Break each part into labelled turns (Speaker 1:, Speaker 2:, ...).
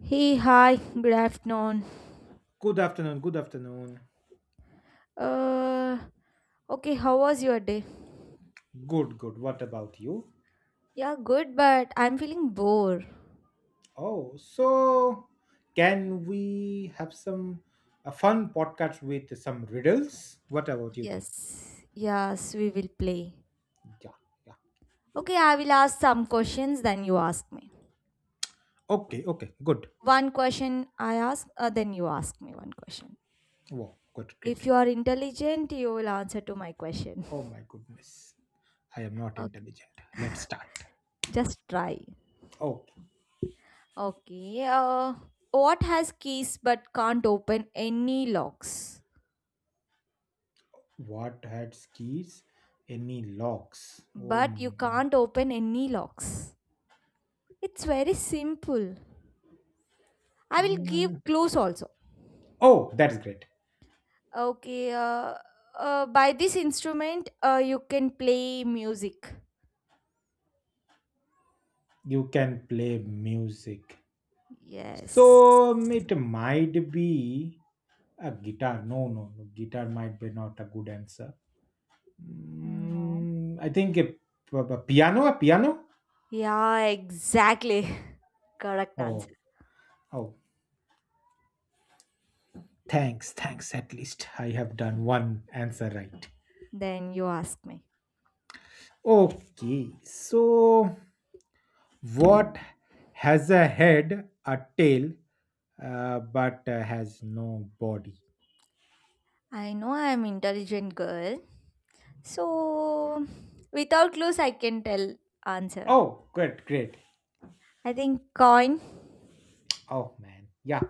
Speaker 1: Hey, hi, good afternoon.
Speaker 2: Good afternoon. Good afternoon.
Speaker 1: Uh, okay, how was your day?
Speaker 2: Good, good. What about you?
Speaker 1: Yeah, good, but I'm feeling bored.
Speaker 2: Oh, so can we have some a fun podcast with some riddles? What about you think?
Speaker 1: Yes, yes, we will play.
Speaker 2: Yeah, yeah.
Speaker 1: Okay, I will ask some questions, then you ask me.
Speaker 2: Okay, okay. Good.
Speaker 1: One question I ask, then you ask me one question.
Speaker 2: Wow, good, great.
Speaker 1: If you are intelligent, you will answer to my question.
Speaker 2: Oh my goodness. I am not
Speaker 1: Okay,
Speaker 2: intelligent. Let's start.
Speaker 1: just try.
Speaker 2: Oh,
Speaker 1: Okay, what has keys but can't open any locks?
Speaker 2: what had skis? Any locks? Oh my
Speaker 1: But you
Speaker 2: god.
Speaker 1: can't open any locks. It's very simple. I will give
Speaker 2: Mm.
Speaker 1: clues also.
Speaker 2: Oh, that's great.
Speaker 1: Okay, by this instrument, you can play music.
Speaker 2: You can play music.
Speaker 1: Yes.
Speaker 2: So it might be a guitar. No, no, no. Guitar might be not a good answer.
Speaker 1: No.
Speaker 2: I think a piano. A piano.
Speaker 1: Yeah, exactly. Correct
Speaker 2: Oh,
Speaker 1: answer.
Speaker 2: oh. Thanks, thanks. At least I have done one answer right.
Speaker 1: Then you ask me.
Speaker 2: Okay. So what has a head, a tail, but has no body?
Speaker 1: I know I am intelligent girl. So without clues I can tell answer.
Speaker 2: Oh, good, great.
Speaker 1: I think coin.
Speaker 2: Oh man, yeah.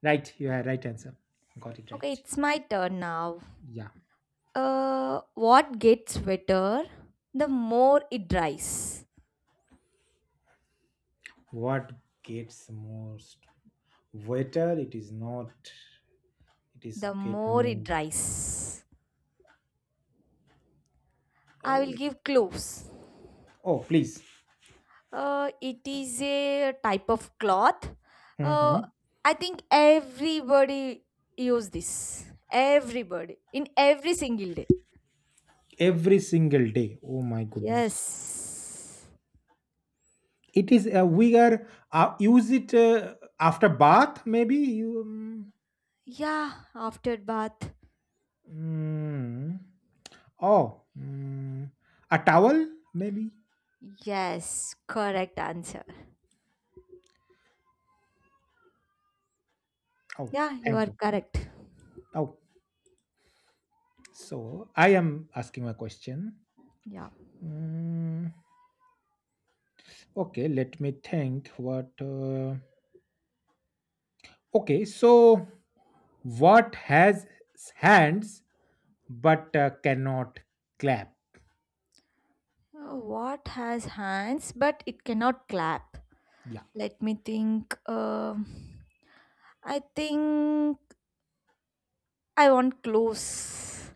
Speaker 2: Right, you had right answer. Got it
Speaker 1: Okay,
Speaker 2: right.
Speaker 1: it's my turn now.
Speaker 2: Yeah.
Speaker 1: What gets wetter the more it dries.
Speaker 2: What gets most waiter, it is not, it is
Speaker 1: The
Speaker 2: get
Speaker 1: more it
Speaker 2: more.
Speaker 1: dries. I will
Speaker 2: Oh.
Speaker 1: give clues.
Speaker 2: Oh, please.
Speaker 1: It is a type of cloth. Uh,
Speaker 2: Mhm.
Speaker 1: I think everybody use this. Everybody in every single day.
Speaker 2: Every single day, oh my goodness,
Speaker 1: Yes.
Speaker 2: it is a, we are, use it after bath maybe you
Speaker 1: Yeah, after bath.
Speaker 2: mm, oh a towel maybe.
Speaker 1: Yes, correct answer.
Speaker 2: Oh,
Speaker 1: Yeah, you
Speaker 2: thank
Speaker 1: are
Speaker 2: you.
Speaker 1: correct.
Speaker 2: Oh, so I am asking a question.
Speaker 1: Yeah.
Speaker 2: Mm, okay, let me think what okay, so what has hands but cannot clap?
Speaker 1: What has hands but it cannot clap?
Speaker 2: Yeah.
Speaker 1: Let me think. I think I want clothes.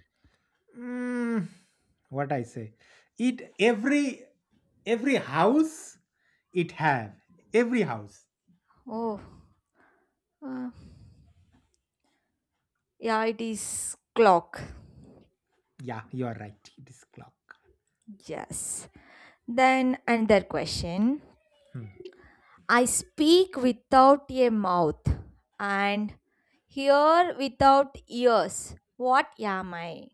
Speaker 2: Mm, what I say? It every house it have, every house.
Speaker 1: Oh, uh, yeah, it is clock.
Speaker 2: Yeah, you are right. It is clock.
Speaker 1: Yes. Then another question.
Speaker 2: Hmm.
Speaker 1: I speak without a mouth and hear without ears. What am I?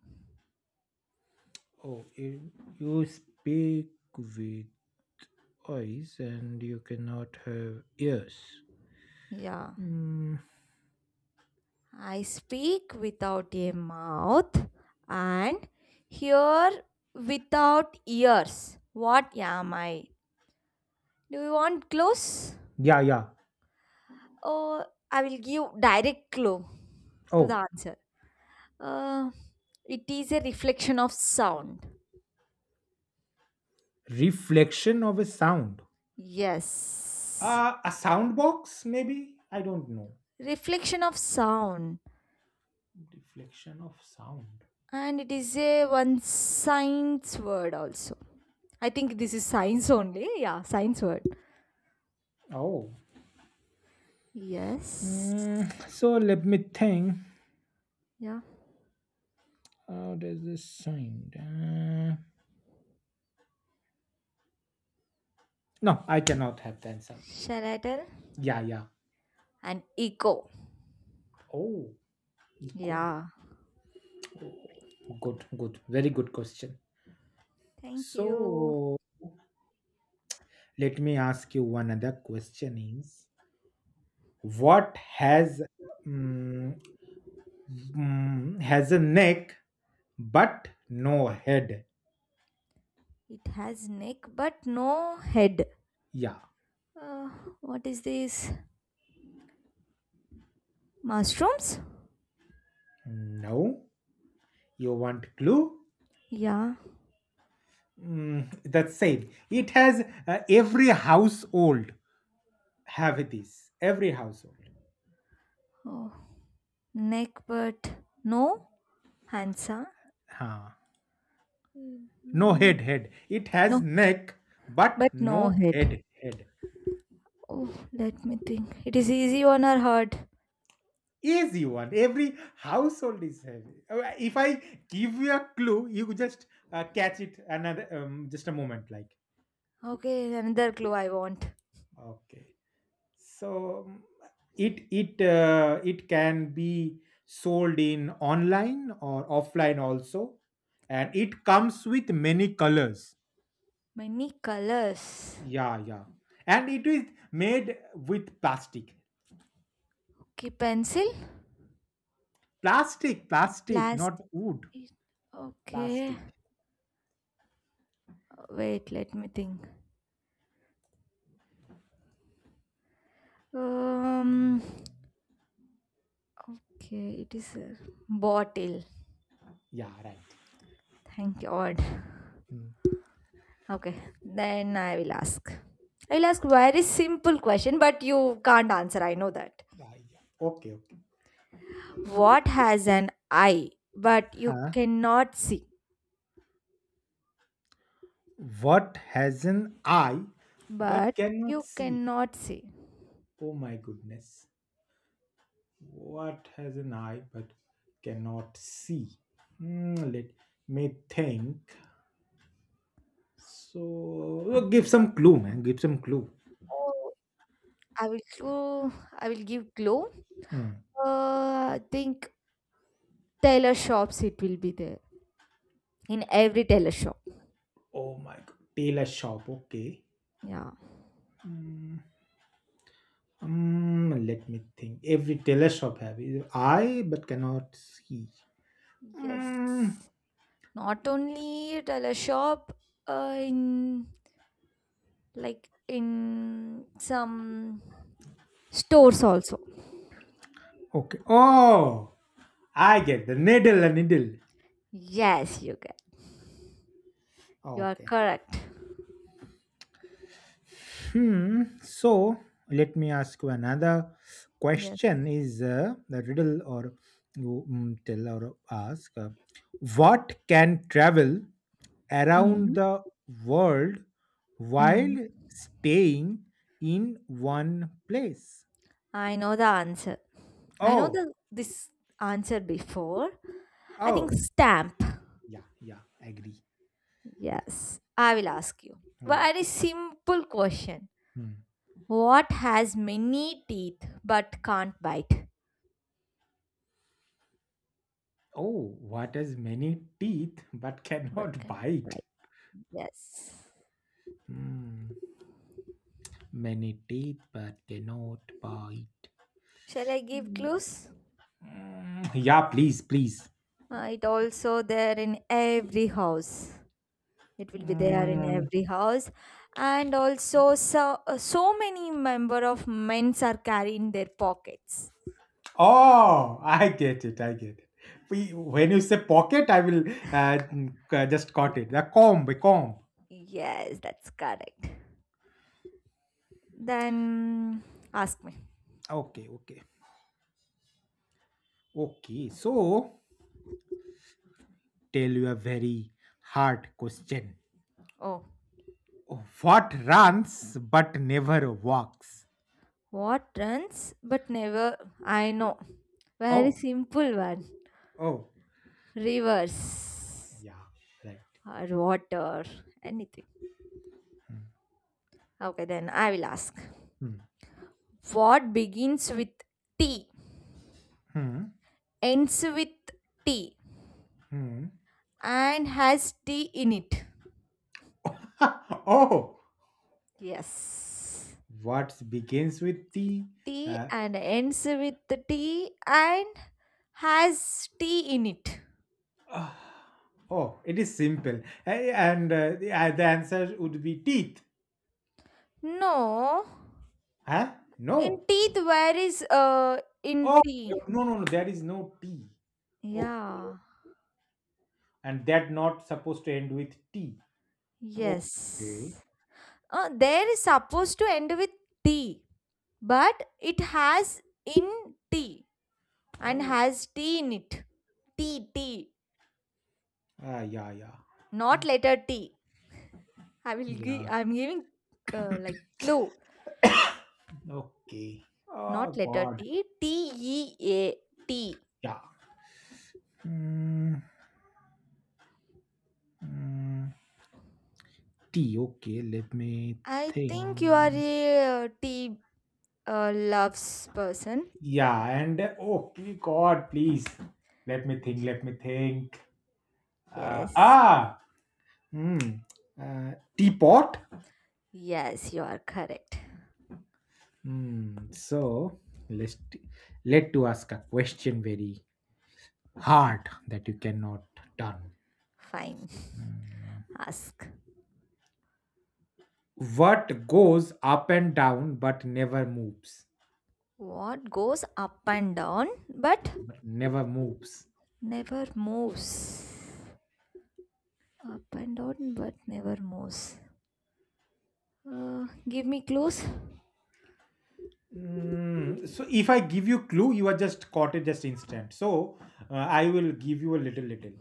Speaker 2: Oh, you speak with eyes and you cannot have ears.
Speaker 1: Yeah.
Speaker 2: Mm,
Speaker 1: I speak without a mouth and hear without ears. What am I? Do you want clothes?
Speaker 2: yeah, yeah.
Speaker 1: Uh, I will give direct clue to the
Speaker 2: Oh,
Speaker 1: answer. Uh, it is a reflection of sound.
Speaker 2: reflection of a sound.
Speaker 1: Yes,
Speaker 2: A sound box, maybe? I don't know.
Speaker 1: reflection of sound,
Speaker 2: Deflection of sound.
Speaker 1: and it is a one science word also. I think this is science only. Yeah, science word.
Speaker 2: Oh.
Speaker 1: Yes.
Speaker 2: So let me think.
Speaker 1: Yeah.
Speaker 2: How does this sound? No, I cannot have the answer.
Speaker 1: Shall I tell?
Speaker 2: Yeah, yeah.
Speaker 1: An echo.
Speaker 2: Oh, echo.
Speaker 1: Yeah.
Speaker 2: Oh, good, good. Very good question.
Speaker 1: Thank you.
Speaker 2: So let me ask you one other question is what has mm, has a neck but no head?
Speaker 1: It has neck but no head.
Speaker 2: Yeah.
Speaker 1: Uh, what is this? Mushrooms?
Speaker 2: No. You want glue?
Speaker 1: Yeah.
Speaker 2: That's same. It has every household have this. Every household.
Speaker 1: Oh. Neck, but no hands, huh?
Speaker 2: Huh. No
Speaker 1: Mm,
Speaker 2: head, head. It has
Speaker 1: No,
Speaker 2: neck, but
Speaker 1: but no
Speaker 2: no
Speaker 1: head.
Speaker 2: head.
Speaker 1: Oh, let me think. It is easy on her heart.
Speaker 2: Easy one. Every household is heavy. If I give you a clue, you just catch it another just a moment. Like
Speaker 1: Okay, another clue I want.
Speaker 2: okay. So it can be sold in online or offline also, and it comes with many colors,
Speaker 1: Many colors.
Speaker 2: yeah, yeah, and it is made with plastic.
Speaker 1: Okay, pencil,
Speaker 2: Plastic not
Speaker 1: plastic.
Speaker 2: wood,
Speaker 1: Okay,
Speaker 2: plastic.
Speaker 1: wait, let me think. Um,
Speaker 2: Mm,
Speaker 1: okay, it is a bottle.
Speaker 2: yeah, right.
Speaker 1: Thank God.
Speaker 2: Mm.
Speaker 1: Okay, then I will ask. I will ask very simple question, but you can't answer. I know that.
Speaker 2: Ah, yeah. Okay, okay.
Speaker 1: What has an eye, but you
Speaker 2: Huh,
Speaker 1: cannot see?
Speaker 2: what has an eye but
Speaker 1: But
Speaker 2: cannot
Speaker 1: you
Speaker 2: see?
Speaker 1: cannot see.
Speaker 2: Oh my goodness. What has an eye but cannot see? Hmm, let me think. So, give some clue, man. Give some clue.
Speaker 1: Oh, I will clue. I will give clue.
Speaker 2: Hmm.
Speaker 1: I think tailor shops. It will be there in every tailor shop.
Speaker 2: Oh my god. Tailor shop. Okay.
Speaker 1: Yeah.
Speaker 2: Hmm. Hmm, let me think. Every tailor shop have either eye but cannot see. Hmm.
Speaker 1: Yes. Not only tailor shop. In like in some stores also.
Speaker 2: Okay. Oh, I get the needle. A needle.
Speaker 1: Yes, you can. You are
Speaker 2: Okay.
Speaker 1: correct.
Speaker 2: Hmm. So let me ask you another
Speaker 1: Yes.
Speaker 2: question: is the riddle or you tell or ask what can travel around
Speaker 1: Mm.
Speaker 2: the world while
Speaker 1: Mm.
Speaker 2: staying in one place?
Speaker 1: I know the answer. I know
Speaker 2: Oh,
Speaker 1: the this answer before. I think
Speaker 2: oh,
Speaker 1: stamp.
Speaker 2: yeah, yeah, agree.
Speaker 1: Yes. I will ask you.
Speaker 2: Hmm,
Speaker 1: Very simple question.
Speaker 2: hmm.
Speaker 1: What has many teeth but can't bite?
Speaker 2: Oh, what has many teeth but
Speaker 1: But
Speaker 2: cannot
Speaker 1: can
Speaker 2: bite?
Speaker 1: bite. Yes.
Speaker 2: Hmm, many teeth but cannot bite.
Speaker 1: Shall I give clues?
Speaker 2: Yeah, please, please.
Speaker 1: It also there in every house. It will be there in
Speaker 2: Mm,
Speaker 1: every house and also so many member of men's are carry in their pockets.
Speaker 2: oh, I get it. I get it. When you say pocket, I will just caught it. The comb, a comb.
Speaker 1: Yes, that's correct. Then ask me.
Speaker 2: Okay, okay, okay. So, tell you a very hard question.
Speaker 1: Oh,
Speaker 2: What runs but never walks?
Speaker 1: what runs but never. I know, very
Speaker 2: Oh,
Speaker 1: simple one.
Speaker 2: oh,
Speaker 1: Rivers,
Speaker 2: yeah, right.
Speaker 1: or water, anything. Okay, then I will ask.
Speaker 2: Hmm,
Speaker 1: What begins with T,
Speaker 2: hmm,
Speaker 1: ends with T,
Speaker 2: hmm.
Speaker 1: and has T in it.
Speaker 2: Oh,
Speaker 1: Yes.
Speaker 2: what begins with T,
Speaker 1: T
Speaker 2: uh,
Speaker 1: and ends with the T and has T in it.
Speaker 2: oh, it is simple. And the answer would be teeth.
Speaker 1: No.
Speaker 2: Huh?
Speaker 1: In
Speaker 2: No.
Speaker 1: teeth, where is in
Speaker 2: Oh,
Speaker 1: T?
Speaker 2: no, no, no. There is no T. Okay.
Speaker 1: Yeah.
Speaker 2: And that not supposed to end with T. Okay.
Speaker 1: Yes. There is supposed to end with T, but it has in T and
Speaker 2: Oh.
Speaker 1: has T in it. T T,
Speaker 2: Ah, yeah, yeah.
Speaker 1: not letter T. I will give.
Speaker 2: Yeah.
Speaker 1: I'm giving like clue.
Speaker 2: Okay.
Speaker 1: Not
Speaker 2: Oh,
Speaker 1: letter
Speaker 2: God.
Speaker 1: T, TEAT.
Speaker 2: Yeah. Mm, mm, T. Okay. Let me
Speaker 1: I think you are
Speaker 2: think.
Speaker 1: a tea loves person.
Speaker 2: Yeah, and oh God, please let me think. Let me think. Uh,
Speaker 1: Yes,
Speaker 2: ah, hmm, teapot.
Speaker 1: yes, you are correct.
Speaker 2: Hmm. So let's t- let to ask a question very hard that you cannot done.
Speaker 1: Fine. Ask.
Speaker 2: What goes up and down but never moves?
Speaker 1: What goes up and down but
Speaker 2: But never moves.
Speaker 1: never moves? Up and down but never moves. Give me clues.
Speaker 2: So if I give you clue, you are just caught it just instant. So I will give you a little little.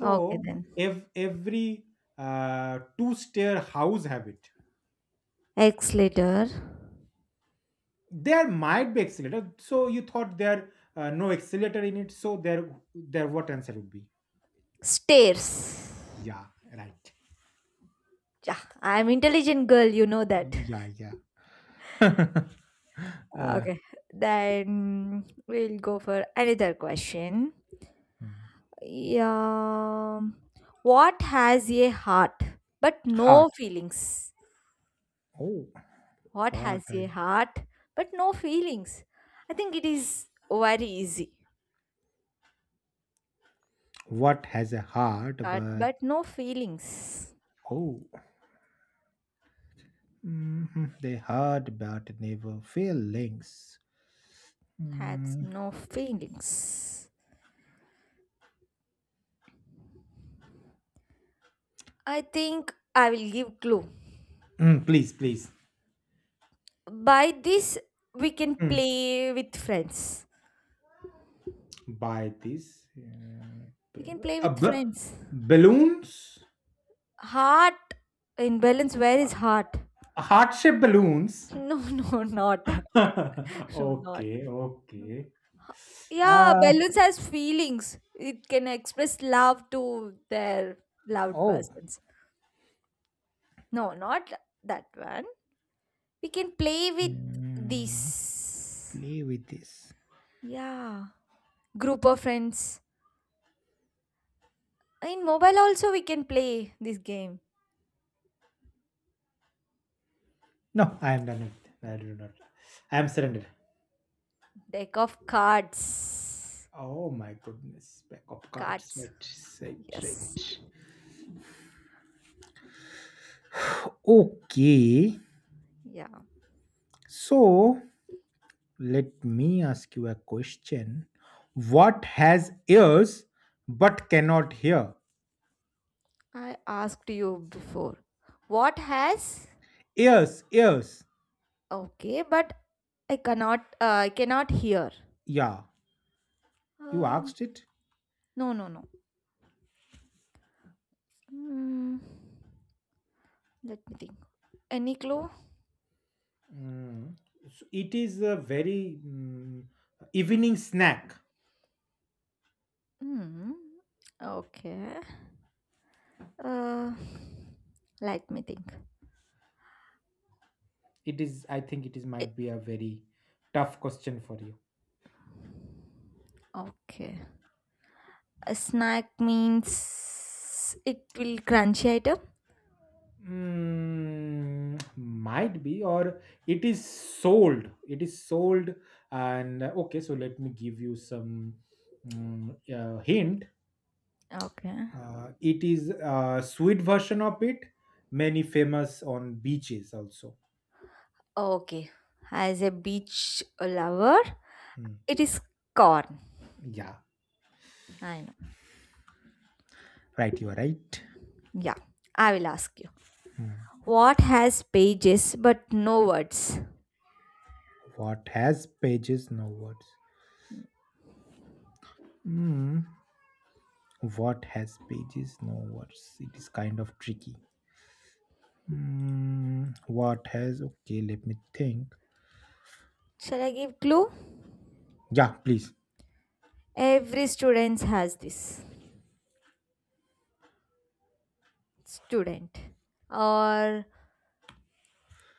Speaker 1: Okay then.
Speaker 2: if every two-stair house have it,
Speaker 1: X later.
Speaker 2: there might be accelerator. So you thought there no accelerator in it. So there what answer would be?
Speaker 1: Stairs.
Speaker 2: Yeah, right.
Speaker 1: Yeah, I'm intelligent girl, you know that.
Speaker 2: Yeah, yeah. uh,
Speaker 1: Okay, then we'll go for another question. Yeah, what has a heart but
Speaker 2: heart.
Speaker 1: no feelings?
Speaker 2: Oh,
Speaker 1: What
Speaker 2: what
Speaker 1: has
Speaker 2: has,
Speaker 1: a heart but no feelings? I think it is very easy.
Speaker 2: what has a heart?
Speaker 1: Heart
Speaker 2: But
Speaker 1: but no feelings.
Speaker 2: oh. Mhm. They heard but never feel links.
Speaker 1: Has
Speaker 2: Mm.
Speaker 1: no feelings. I think I will give clue.
Speaker 2: Mm, please, please.
Speaker 1: By this, we can
Speaker 2: mm,
Speaker 1: play with friends.
Speaker 2: Buy this.
Speaker 1: We
Speaker 2: B-
Speaker 1: can play
Speaker 2: uh,
Speaker 1: with
Speaker 2: b-
Speaker 1: friends.
Speaker 2: Balloons,
Speaker 1: Heart imbalance. Where is heart?
Speaker 2: heart shaped balloons.
Speaker 1: No, no, not. No, not.
Speaker 2: Okay,
Speaker 1: No.
Speaker 2: okay.
Speaker 1: Yeah,
Speaker 2: Uh,
Speaker 1: balloons has feelings. It can express love to their loved
Speaker 2: oh,
Speaker 1: persons. No, not that one. We can play with
Speaker 2: mm,
Speaker 1: this.
Speaker 2: play with this.
Speaker 1: Yeah, group of friends. In mobile also we can play this game.
Speaker 2: No, I am done with it. I do not. I am surrendered.
Speaker 1: Deck of cards.
Speaker 2: Oh my goodness, back of cards.
Speaker 1: Cards.
Speaker 2: Right, right,
Speaker 1: Yes.
Speaker 2: right. Okay,
Speaker 1: Yeah.
Speaker 2: so let me ask you a question. What has ears but cannot hear?
Speaker 1: I asked you before. What has
Speaker 2: Ears, ears.
Speaker 1: Okay, but I cannot hear.
Speaker 2: Yeah, you
Speaker 1: Uh,
Speaker 2: asked it.
Speaker 1: no, no, no. Hmm. Let me think. Any clue?
Speaker 2: Mm. So it is a very evening snack.
Speaker 1: Hmm. Okay. Uh, Let me think.
Speaker 2: It is, I think, it is
Speaker 1: It,
Speaker 2: might be a very tough question for you.
Speaker 1: okay. A snack means it will crunchy item.
Speaker 2: Might be, or it is sold. It is sold, and okay. So let me give you some hint.
Speaker 1: Okay.
Speaker 2: It is a sweet version of it, many famous on beaches also.
Speaker 1: Okay. As a beach lover,
Speaker 2: Hmm.
Speaker 1: it is corn.
Speaker 2: Yeah,
Speaker 1: I know.
Speaker 2: right, you are right.
Speaker 1: Yeah. I will ask you. What has pages but no words?
Speaker 2: What has pages, no words? Hmm. What has pages, no words? It is kind of tricky. Hmm. What has, okay, let me think.
Speaker 1: Shall I give clue?
Speaker 2: Yeah, please.
Speaker 1: Every student has this student, or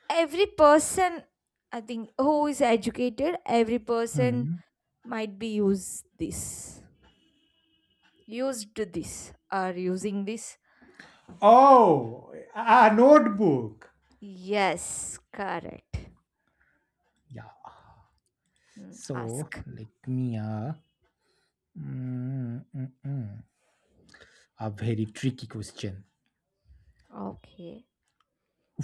Speaker 1: every person. I think who is educated, every person
Speaker 2: Hmm.
Speaker 1: might be use this, used this, or using this.
Speaker 2: Oh, a notebook.
Speaker 1: Yes, correct.
Speaker 2: Yeah. So
Speaker 1: Ask.
Speaker 2: let me mm, mm, mm. a very tricky question.
Speaker 1: Okay.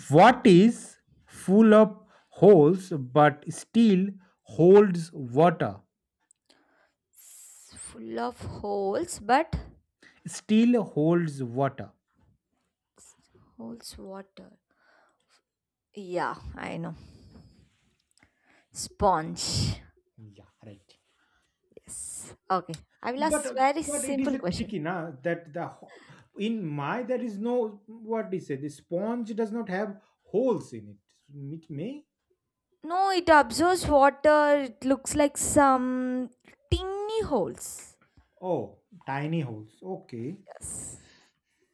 Speaker 2: What is full of holes but still holds water?
Speaker 1: Full of holes, but
Speaker 2: Still holds water.
Speaker 1: s- holes water. Yeah, I know. Sponge.
Speaker 2: Yeah, right.
Speaker 1: Yes. Okay. I will
Speaker 2: But
Speaker 1: ask
Speaker 2: uh,
Speaker 1: very
Speaker 2: but it is
Speaker 1: simple
Speaker 2: a
Speaker 1: question.
Speaker 2: tricky now that in my there is no, what do you say, the sponge does not have holes in it. It may.
Speaker 1: No, it absorbs water. It looks like some tiny holes.
Speaker 2: Oh, tiny holes. Okay.
Speaker 1: Yes.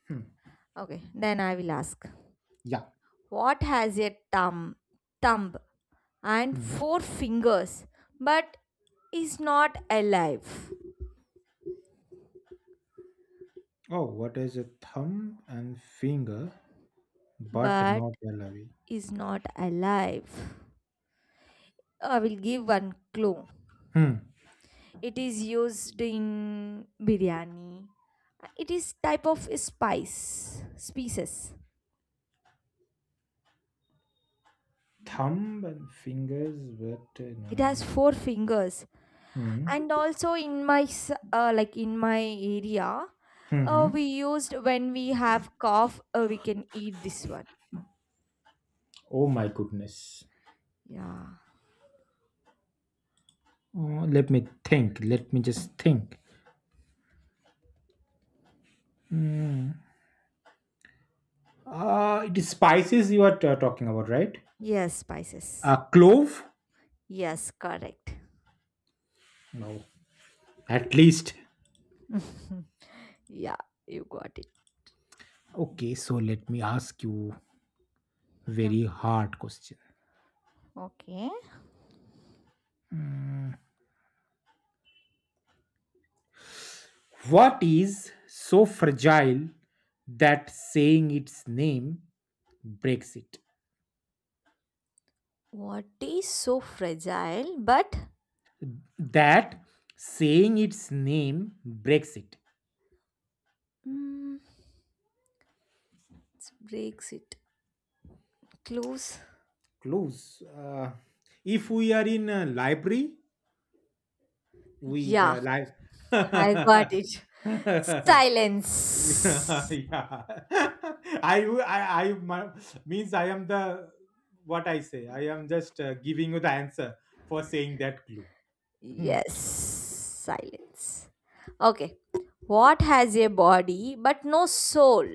Speaker 2: Hmm.
Speaker 1: Okay. Then I will ask.
Speaker 2: Yeah.
Speaker 1: What has a thumb, thumb and
Speaker 2: Hmm.
Speaker 1: four fingers, but is not alive?
Speaker 2: Oh, what is a thumb and finger but
Speaker 1: But
Speaker 2: not a lobby?
Speaker 1: is not alive. I will give one clue.
Speaker 2: Hmm.
Speaker 1: It is used in biryani. It is type of spice, species.
Speaker 2: Thumb and fingers, but
Speaker 1: It has
Speaker 2: no.
Speaker 1: four fingers.
Speaker 2: Hmm.
Speaker 1: And also like in my area,
Speaker 2: Hmm.
Speaker 1: we used when we have cough, we can eat this one.
Speaker 2: Oh my goodness.
Speaker 1: Yeah.
Speaker 2: Oh, let me think. Let me just think. Hmm. It is spices you are talking about, right?
Speaker 1: Yes, spices.
Speaker 2: Clove?
Speaker 1: Yes, correct.
Speaker 2: No. At least.
Speaker 1: Yeah, you got it.
Speaker 2: Okay, so let me ask you
Speaker 1: Yeah.
Speaker 2: very hard question.
Speaker 1: Okay.
Speaker 2: Hmm. What is so fragile that saying its name breaks it?
Speaker 1: What is so fragile but
Speaker 2: That saying its name breaks it.
Speaker 1: it breaks it? Clues.
Speaker 2: Close. If we are in a library, we
Speaker 1: Yeah, I got it.
Speaker 2: yeah,
Speaker 1: Silence.
Speaker 2: yeah. I means I am the what I say. I am just giving you the answer for saying that clue. Hmm.
Speaker 1: Yes, silence. Okay. What has a body but no soul?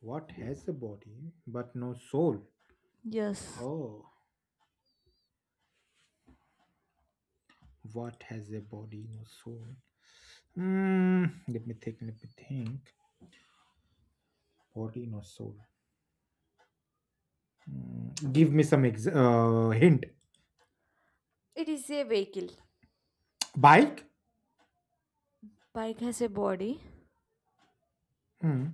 Speaker 2: What has a body but no soul?
Speaker 1: Yes.
Speaker 2: Oh, what has a body, no soul? Hmm, let me think. Let me think. Body not soul. Mm, give me some hint.
Speaker 1: It is a vehicle.
Speaker 2: Bike?
Speaker 1: Bike has a body.
Speaker 2: Hmm.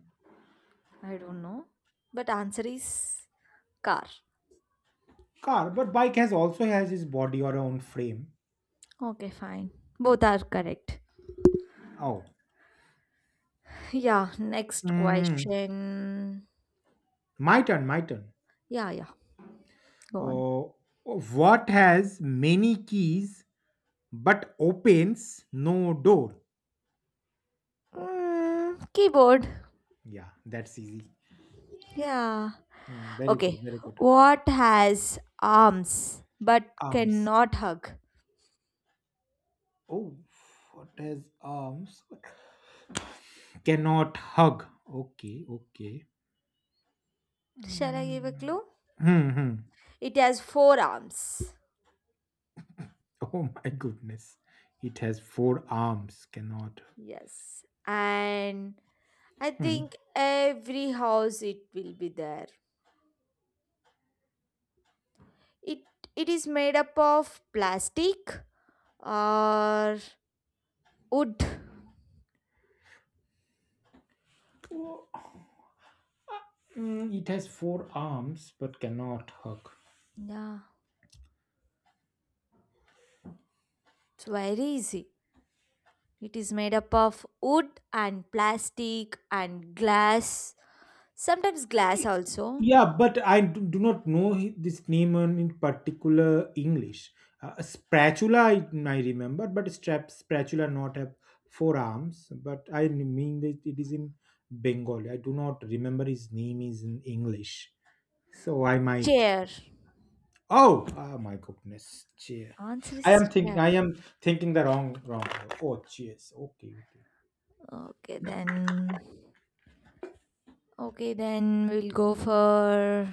Speaker 1: I don't know. But answer is car.
Speaker 2: Car, but bike has also has its body or own frame.
Speaker 1: Okay, fine. Both are correct.
Speaker 2: Oh.
Speaker 1: Yeah, next
Speaker 2: Hmm.
Speaker 1: question.
Speaker 2: My turn, my turn.
Speaker 1: Yeah, yeah. Go on.
Speaker 2: Oh, what has many keys but opens no door?
Speaker 1: Keyboard.
Speaker 2: Yeah, that's easy.
Speaker 1: Yeah.
Speaker 2: Mm, very good,
Speaker 1: Okay.
Speaker 2: very good.
Speaker 1: What has arms but
Speaker 2: Arms.
Speaker 1: cannot hug?
Speaker 2: Oh, what has arms? Cannot hug. Okay, okay.
Speaker 1: Shall I give a
Speaker 2: Mm.
Speaker 1: clue?
Speaker 2: Hmm, hmm.
Speaker 1: It has four arms.
Speaker 2: Oh my goodness. It has four arms, cannot.
Speaker 1: Yes. And I
Speaker 2: Hmm.
Speaker 1: think every house it will be there. It it is made up of plastic or wood.
Speaker 2: Oh, it has four arms, but cannot hug.
Speaker 1: Yeah. It's very easy. It is made up of wood and plastic and glass. Sometimes
Speaker 2: Y-
Speaker 1: glass also.
Speaker 2: Yeah, but I do not know this name in particular English. Spatula, I remember, but strap spatula not have four arms. But I mean that it is in Bengali. I do not remember his name is in English, so I might.
Speaker 1: Chair.
Speaker 2: Oh, oh my goodness. Cheer.
Speaker 1: Answer
Speaker 2: I
Speaker 1: is
Speaker 2: am thinking,
Speaker 1: chair.
Speaker 2: I am thinking the wrong wrong. Word. Oh cheers. Okay, okay.
Speaker 1: Okay then. Okay then we'll go for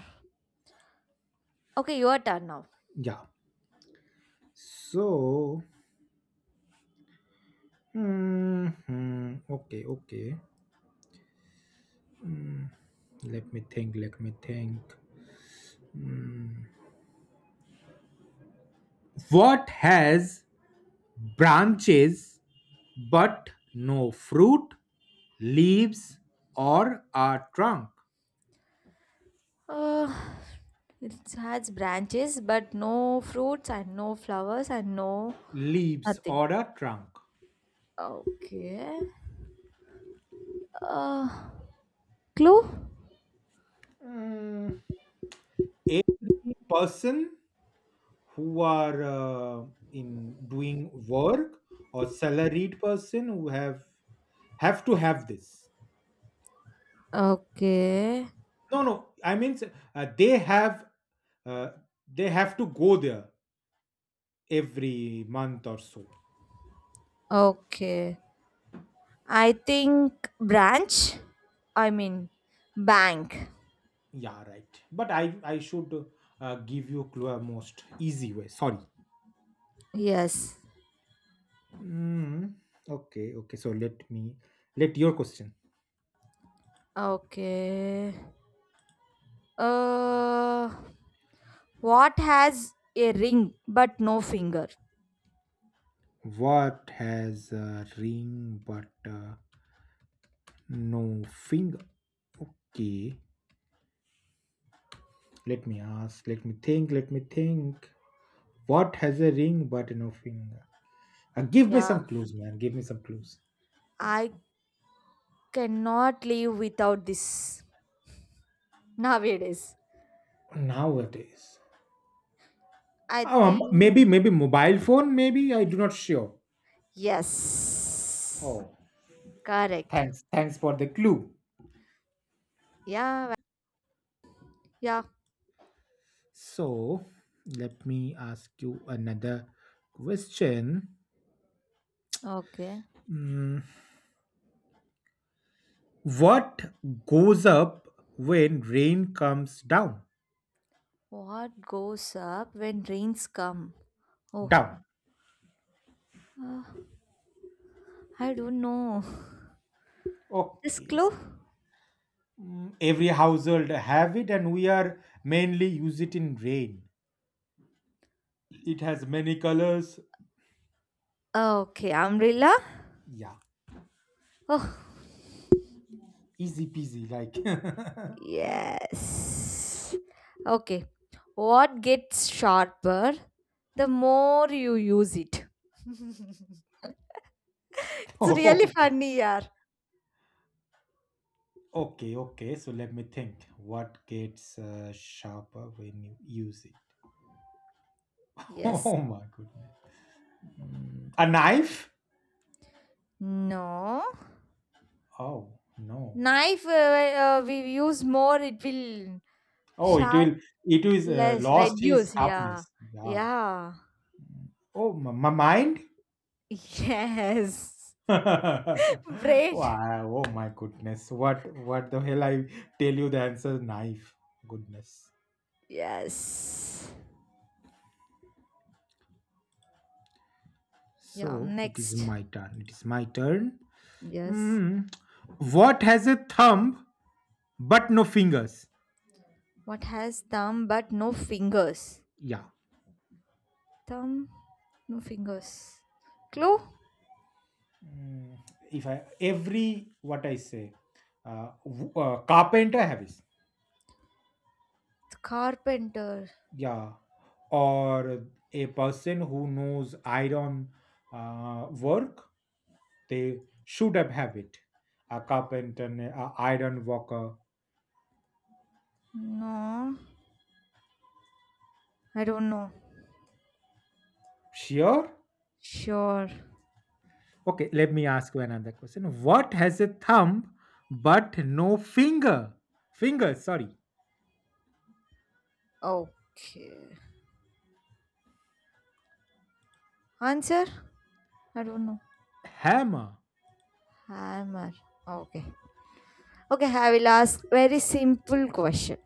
Speaker 1: Okay, your turn now.
Speaker 2: Yeah. So mhm, okay, okay. Mm, let me think, let me think. What has branches but no fruit, leaves, or a trunk?
Speaker 1: Uh, it has branches, but no fruits and no flowers and no.
Speaker 2: Leaves
Speaker 1: Nothing.
Speaker 2: or a trunk.
Speaker 1: Okay. Uh, Clue?
Speaker 2: Mm, a person who are in doing work or salaried person who have to have this.
Speaker 1: Okay.
Speaker 2: No, no, I mean, uh, they have uh, they have to go there every month or so.
Speaker 1: Okay. I think branch. I mean, bank.
Speaker 2: Yeah, right, but I should give you clue a most easy way, sorry.
Speaker 1: Yes.
Speaker 2: Mm, okay, okay, so let me let your question.
Speaker 1: Okay. Uh, what has a ring but no finger?
Speaker 2: What has a ring but no finger, okay. Let me ask, let me think, let me think. What has a ring but no finger? Give me
Speaker 1: Yeah,
Speaker 2: some clues, man. Give me some clues.
Speaker 1: I cannot live without this nowadays.
Speaker 2: Nowadays.
Speaker 1: I think
Speaker 2: Maybe, maybe mobile phone, maybe. I do not sure.
Speaker 1: yes.
Speaker 2: Oh,
Speaker 1: Correct.
Speaker 2: thanks. Thanks for the clue.
Speaker 1: Yeah. Yeah.
Speaker 2: So, let me ask you another question.
Speaker 1: Okay.
Speaker 2: Mm, what goes up when rain comes down?
Speaker 1: What goes up when rains come? Oh,
Speaker 2: Down.
Speaker 1: uh, I don't know. This
Speaker 2: Okay,
Speaker 1: clue?
Speaker 2: mm, every household have it and we are mainly use it in rain, it has many colors,
Speaker 1: Okay, umbrella?
Speaker 2: yeah,
Speaker 1: Oh,
Speaker 2: easy peasy like
Speaker 1: yes. Okay. What gets sharper the more you use it? It's really
Speaker 2: oh,
Speaker 1: funny, yeah.
Speaker 2: okay, okay, so let me think what gets sharper when you use it.
Speaker 1: Yes.
Speaker 2: Oh my goodness. Mm, a knife.
Speaker 1: No.
Speaker 2: Oh no.
Speaker 1: Knife we use more, it will
Speaker 2: Oh, it will,
Speaker 1: sharp
Speaker 2: it is
Speaker 1: less,
Speaker 2: lost his
Speaker 1: reduce. Yeah,
Speaker 2: sharpness, yeah.
Speaker 1: yeah,
Speaker 2: Oh my, my mind.
Speaker 1: yes. Brain.
Speaker 2: Wow, oh my goodness. What the hell, I tell you the answer knife. Goodness.
Speaker 1: Yes. Yeah.
Speaker 2: So it is
Speaker 1: Next.
Speaker 2: my turn. It is my turn.
Speaker 1: Yes.
Speaker 2: Mm. What has a thumb but no fingers?
Speaker 1: What has thumb but no fingers?
Speaker 2: Yeah.
Speaker 1: Thumb, no fingers. Clue?
Speaker 2: Mm, if I every what I say, carpenter have it,
Speaker 1: Carpenter.
Speaker 2: yeah, or a person who knows iron work, they should have it. A carpenter, a iron worker.
Speaker 1: No, I don't know.
Speaker 2: Sure.
Speaker 1: Sure.
Speaker 2: Okay, let me ask you another question. What has a thumb but no finger, fingers, sorry.
Speaker 1: Okay. Answer? I don't know.
Speaker 2: Hammer.
Speaker 1: Hammer. Okay. Okay, I will ask very simple question.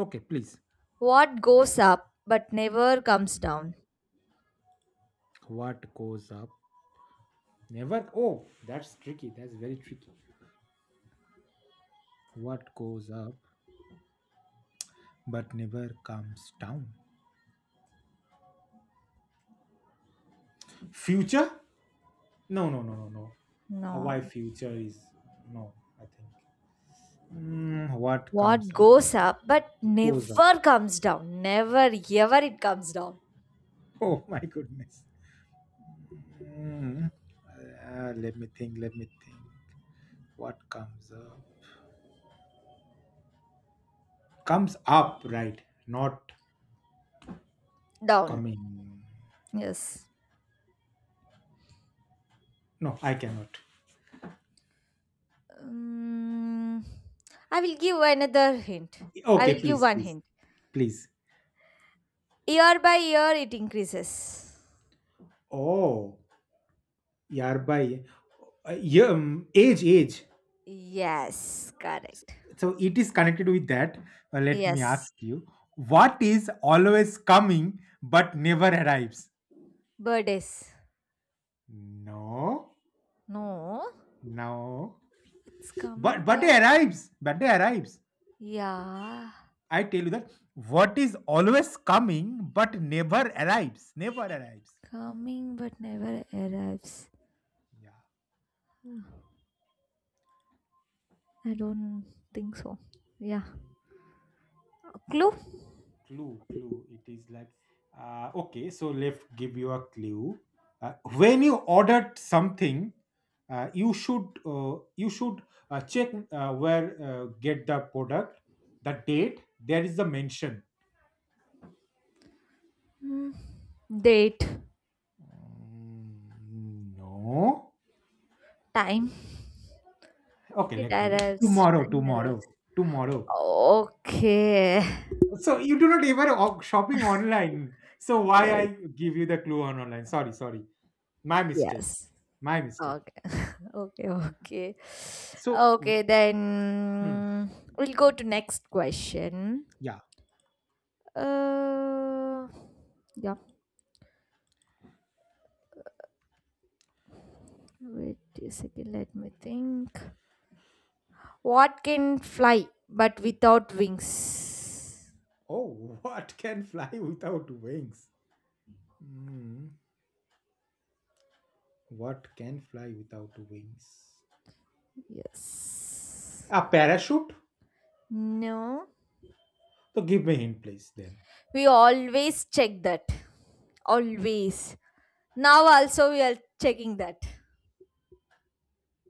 Speaker 2: Okay, please.
Speaker 1: What goes up but never comes down?
Speaker 2: What goes up, never, oh that's tricky, that's very tricky. What goes up but never comes down? Future. No, no, no, no, no. Why
Speaker 1: No.
Speaker 2: future is no, I think. What comes
Speaker 1: What
Speaker 2: up,
Speaker 1: goes up but
Speaker 2: goes up.
Speaker 1: never comes down? Never, ever it comes down.
Speaker 2: Oh my goodness. Let me think. Let me think. What comes up? Comes up, right? Not
Speaker 1: Down.
Speaker 2: coming.
Speaker 1: Yes.
Speaker 2: No, I cannot.
Speaker 1: Mm, I will give another hint. I
Speaker 2: Okay,
Speaker 1: will give
Speaker 2: please,
Speaker 1: one
Speaker 2: please,
Speaker 1: hint.
Speaker 2: please.
Speaker 1: Year by year, it increases.
Speaker 2: Oh, yeah, by yeah, age, age.
Speaker 1: Yes, correct.
Speaker 2: So it is connected with that. Let me
Speaker 1: Yes.
Speaker 2: ask you. What is always coming but never arrives?
Speaker 1: Birthdays.
Speaker 2: No,
Speaker 1: No,
Speaker 2: no.
Speaker 1: it's coming
Speaker 2: But
Speaker 1: at.
Speaker 2: it arrives. But it arrives.
Speaker 1: Yeah.
Speaker 2: I tell you that, what is always coming but never arrives, never arrives.
Speaker 1: Coming but never arrives.
Speaker 2: Yeah,
Speaker 1: I don't think so. Yeah. Clue?
Speaker 2: clue, clue. It is like, okay, so let's give you a clue. When you ordered something, you should check where get the product, the date. There is the mention.
Speaker 1: Hmm. Date.
Speaker 2: Mm, no.
Speaker 1: Time.
Speaker 2: Okay,
Speaker 1: It
Speaker 2: let me.
Speaker 1: arrives.
Speaker 2: Tomorrow,
Speaker 1: Time arrives.
Speaker 2: tomorrow, tomorrow.
Speaker 1: Okay.
Speaker 2: So you do not ever shopping online. So why I
Speaker 1: Yes.
Speaker 2: give you the clue on online? Sorry, sorry, my mistake,
Speaker 1: Yes.
Speaker 2: my mistake.
Speaker 1: Okay. Okay. Okay.
Speaker 2: So,
Speaker 1: Okay.
Speaker 2: hmm,
Speaker 1: Then we'll go to next question.
Speaker 2: yeah.
Speaker 1: Uh. Yeah. Wait a second. Let me think. What can fly but without wings?
Speaker 2: Oh, what can fly without wings? Hmm, what can fly without wings?
Speaker 1: Yes.
Speaker 2: A parachute.
Speaker 1: No.
Speaker 2: So give me hint, please. Then.
Speaker 1: We always check that. Always. Now also we are checking that.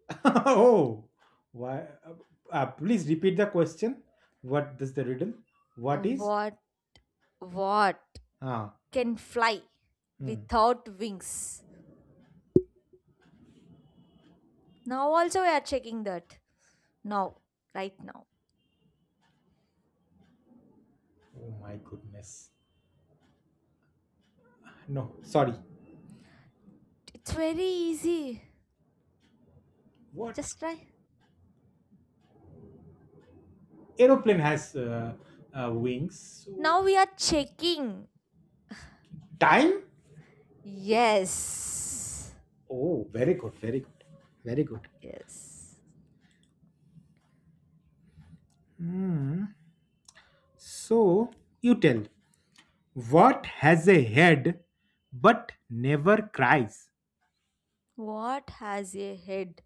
Speaker 2: Oh, why? Please repeat the question. What does the riddle? What is?
Speaker 1: What what
Speaker 2: Ah.
Speaker 1: can fly
Speaker 2: Hmm.
Speaker 1: without wings? Now also we are checking that. Now, right now.
Speaker 2: Oh my goodness. No, sorry.
Speaker 1: It's very easy.
Speaker 2: What
Speaker 1: Just try.
Speaker 2: aeroplane has wings. So
Speaker 1: Now we are checking.
Speaker 2: time?
Speaker 1: Yes.
Speaker 2: Oh, very good, very good, very good.
Speaker 1: Yes.
Speaker 2: Hmm. So you tell, what has a head but never cries?
Speaker 1: What has a head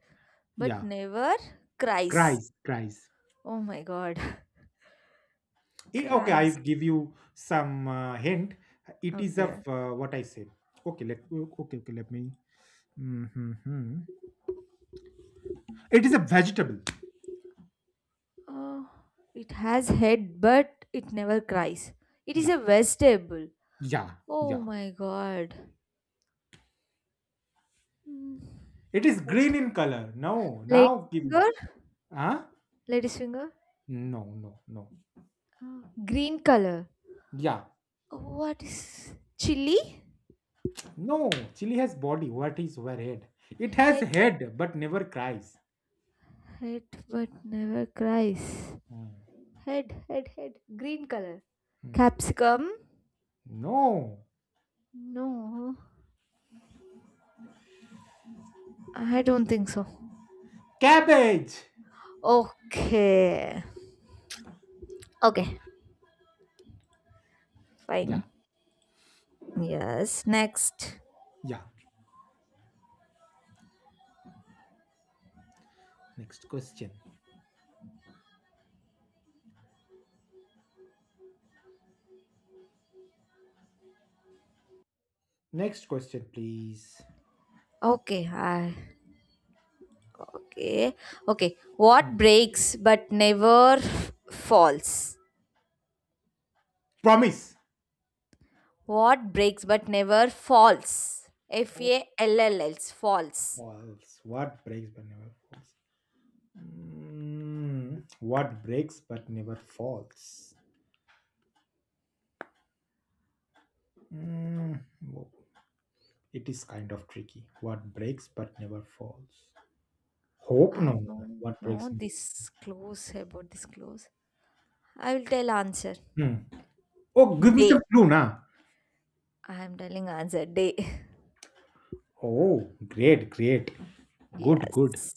Speaker 1: but
Speaker 2: Yeah,
Speaker 1: never cries?
Speaker 2: cries, cries.
Speaker 1: Oh my god.
Speaker 2: Eh, okay, I
Speaker 1: Cries.
Speaker 2: give you some hint. It is of
Speaker 1: Okay.
Speaker 2: what I said. Okay, okay, let me. Mhm. It is a vegetable.
Speaker 1: Oh, it has head but it never cries. It is
Speaker 2: Yeah,
Speaker 1: a vegetable.
Speaker 2: yeah,
Speaker 1: Oh
Speaker 2: yeah.
Speaker 1: my god. Hmm.
Speaker 2: It is green in color. No,
Speaker 1: Lady
Speaker 2: now give me.
Speaker 1: finger?
Speaker 2: Huh?
Speaker 1: Lady's finger?
Speaker 2: No, no, no.
Speaker 1: Oh, green color.
Speaker 2: Yeah.
Speaker 1: What is chili?
Speaker 2: No, chili has body. What is where head? It has
Speaker 1: Head,
Speaker 2: head but never cries.
Speaker 1: head but never cries.
Speaker 2: Hmm,
Speaker 1: Head, head, head. Green color.
Speaker 2: hmm.
Speaker 1: Capsicum?
Speaker 2: No.
Speaker 1: No, I don't think so.
Speaker 2: Cabbage.
Speaker 1: Okay. Okay. Fine.
Speaker 2: Yeah,
Speaker 1: Yes. Next.
Speaker 2: yeah. Next question. Next question, please.
Speaker 1: Okay. Okay. Okay. What breaks but never falls?
Speaker 2: Promise.
Speaker 1: What breaks but never falls? F
Speaker 2: Oh,
Speaker 1: A L L S. Falls.
Speaker 2: false. What breaks but never falls? Mm, what breaks but never falls? Mm, wo- it is kind of tricky. What breaks but never falls? Hope? No,
Speaker 1: I
Speaker 2: no, no.
Speaker 1: don't
Speaker 2: What
Speaker 1: know
Speaker 2: breaks?
Speaker 1: this close about this close. I will tell answer.
Speaker 2: Hmm. Oh, give me
Speaker 1: Day.
Speaker 2: some clue, na.
Speaker 1: I am telling answer. Day.
Speaker 2: Oh, great, great. Good, good.
Speaker 1: Yes.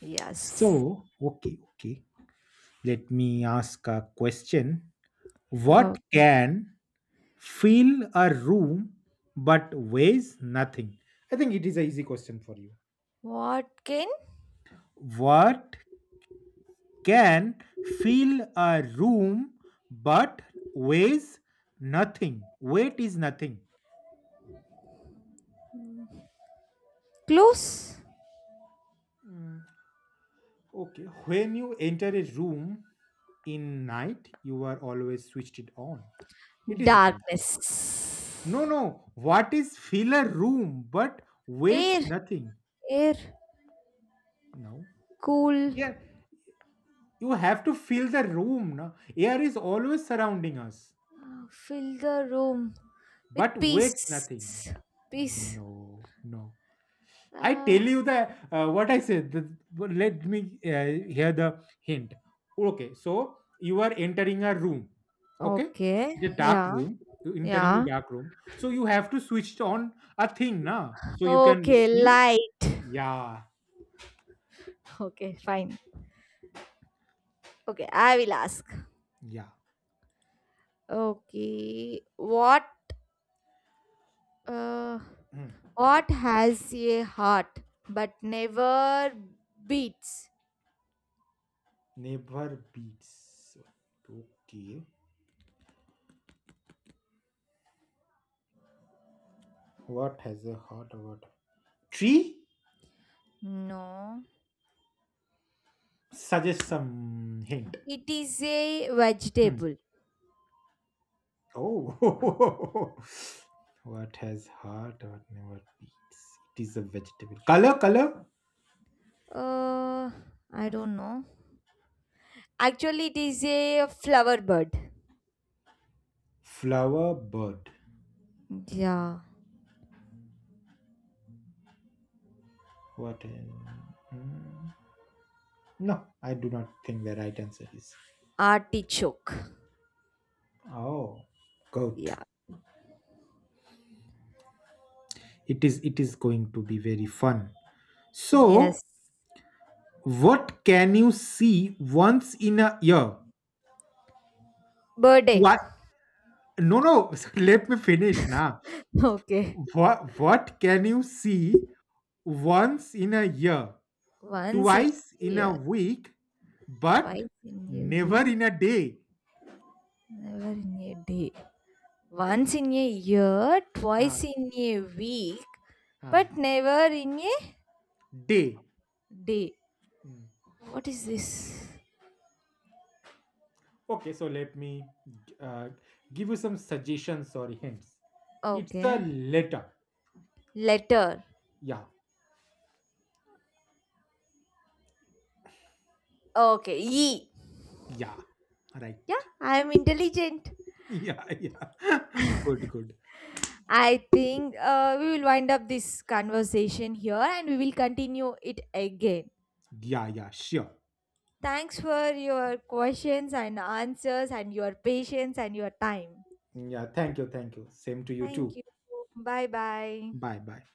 Speaker 1: Yes.
Speaker 2: So, okay, okay. Let me ask a question. What
Speaker 1: Okay.
Speaker 2: can fill a room but weighs nothing? I think it is an easy question for you.
Speaker 1: What can
Speaker 2: What can fill a room but weighs nothing? Weight is nothing.
Speaker 1: close?
Speaker 2: Okay, when you enter a room in night, you are always switched it on. It is kind. No,
Speaker 1: Darkness.
Speaker 2: no. What is fill a room but weights
Speaker 1: Air,
Speaker 2: nothing?
Speaker 1: air,
Speaker 2: No.
Speaker 1: cool,
Speaker 2: Yeah, you have to fill the room. No? Air is always surrounding us,
Speaker 1: fill the room with
Speaker 2: but weights nothing.
Speaker 1: peace, peace.
Speaker 2: No, no. I
Speaker 1: Uh,
Speaker 2: tell you the what I said. The, but let me hear the hint. Okay, so you are entering a room. Okay,
Speaker 1: Okay.
Speaker 2: it's a dark
Speaker 1: Yeah.
Speaker 2: room. You entering a
Speaker 1: Yeah.
Speaker 2: dark room. So you have to switch on a thing, na? So you can
Speaker 1: Okay,
Speaker 2: see.
Speaker 1: light.
Speaker 2: Yeah.
Speaker 1: Okay, fine. Okay, I will ask.
Speaker 2: Yeah.
Speaker 1: Okay, uh, what has a heart but never beats?
Speaker 2: Never beats. Okay. What has a hot word? Tree?
Speaker 1: No,
Speaker 2: Suggest some hint.
Speaker 1: it is a
Speaker 2: Hmm.
Speaker 1: vegetable.
Speaker 2: Oh. What has heart what never beats? It is a vegetable. Color, color?
Speaker 1: Uh, I don't know. Actually, it is a flower bird.
Speaker 2: Flower, bird.
Speaker 1: Yeah,
Speaker 2: What? No, I do not think the right answer is.
Speaker 1: artichoke.
Speaker 2: Oh, goat.
Speaker 1: Yeah.
Speaker 2: It is. It is going to be very fun. So,
Speaker 1: Yes.
Speaker 2: what can you see once in a year?
Speaker 1: Birthday.
Speaker 2: What? No, no. Let me finish now.
Speaker 1: Okay.
Speaker 2: What? What can you see once in a year,
Speaker 1: Once in
Speaker 2: twice
Speaker 1: a
Speaker 2: in a
Speaker 1: year,
Speaker 2: week, but
Speaker 1: twice in a
Speaker 2: never
Speaker 1: week,
Speaker 2: in a day?
Speaker 1: never in a day. Once in a year,
Speaker 2: Uh,
Speaker 1: twice in a week,
Speaker 2: uh,
Speaker 1: but never in a
Speaker 2: day.
Speaker 1: day.
Speaker 2: Mm.
Speaker 1: What is this?
Speaker 2: Okay, so let me uh, give you some suggestions or hints. It's a
Speaker 1: Okay.
Speaker 2: letter.
Speaker 1: Letter.
Speaker 2: Yeah,
Speaker 1: Okay. E.
Speaker 2: yeah. Right.
Speaker 1: Yeah, I am intelligent.
Speaker 2: Yeah, yeah. Good, good.
Speaker 1: I think we will wind up this conversation here and we will continue it again.
Speaker 2: Yeah, yeah, sure.
Speaker 1: Thanks for your questions and answers and your patience and your time.
Speaker 2: Yeah, thank you, thank you. Same to you
Speaker 1: Thank
Speaker 2: too.
Speaker 1: you. Bye bye.
Speaker 2: Bye, bye.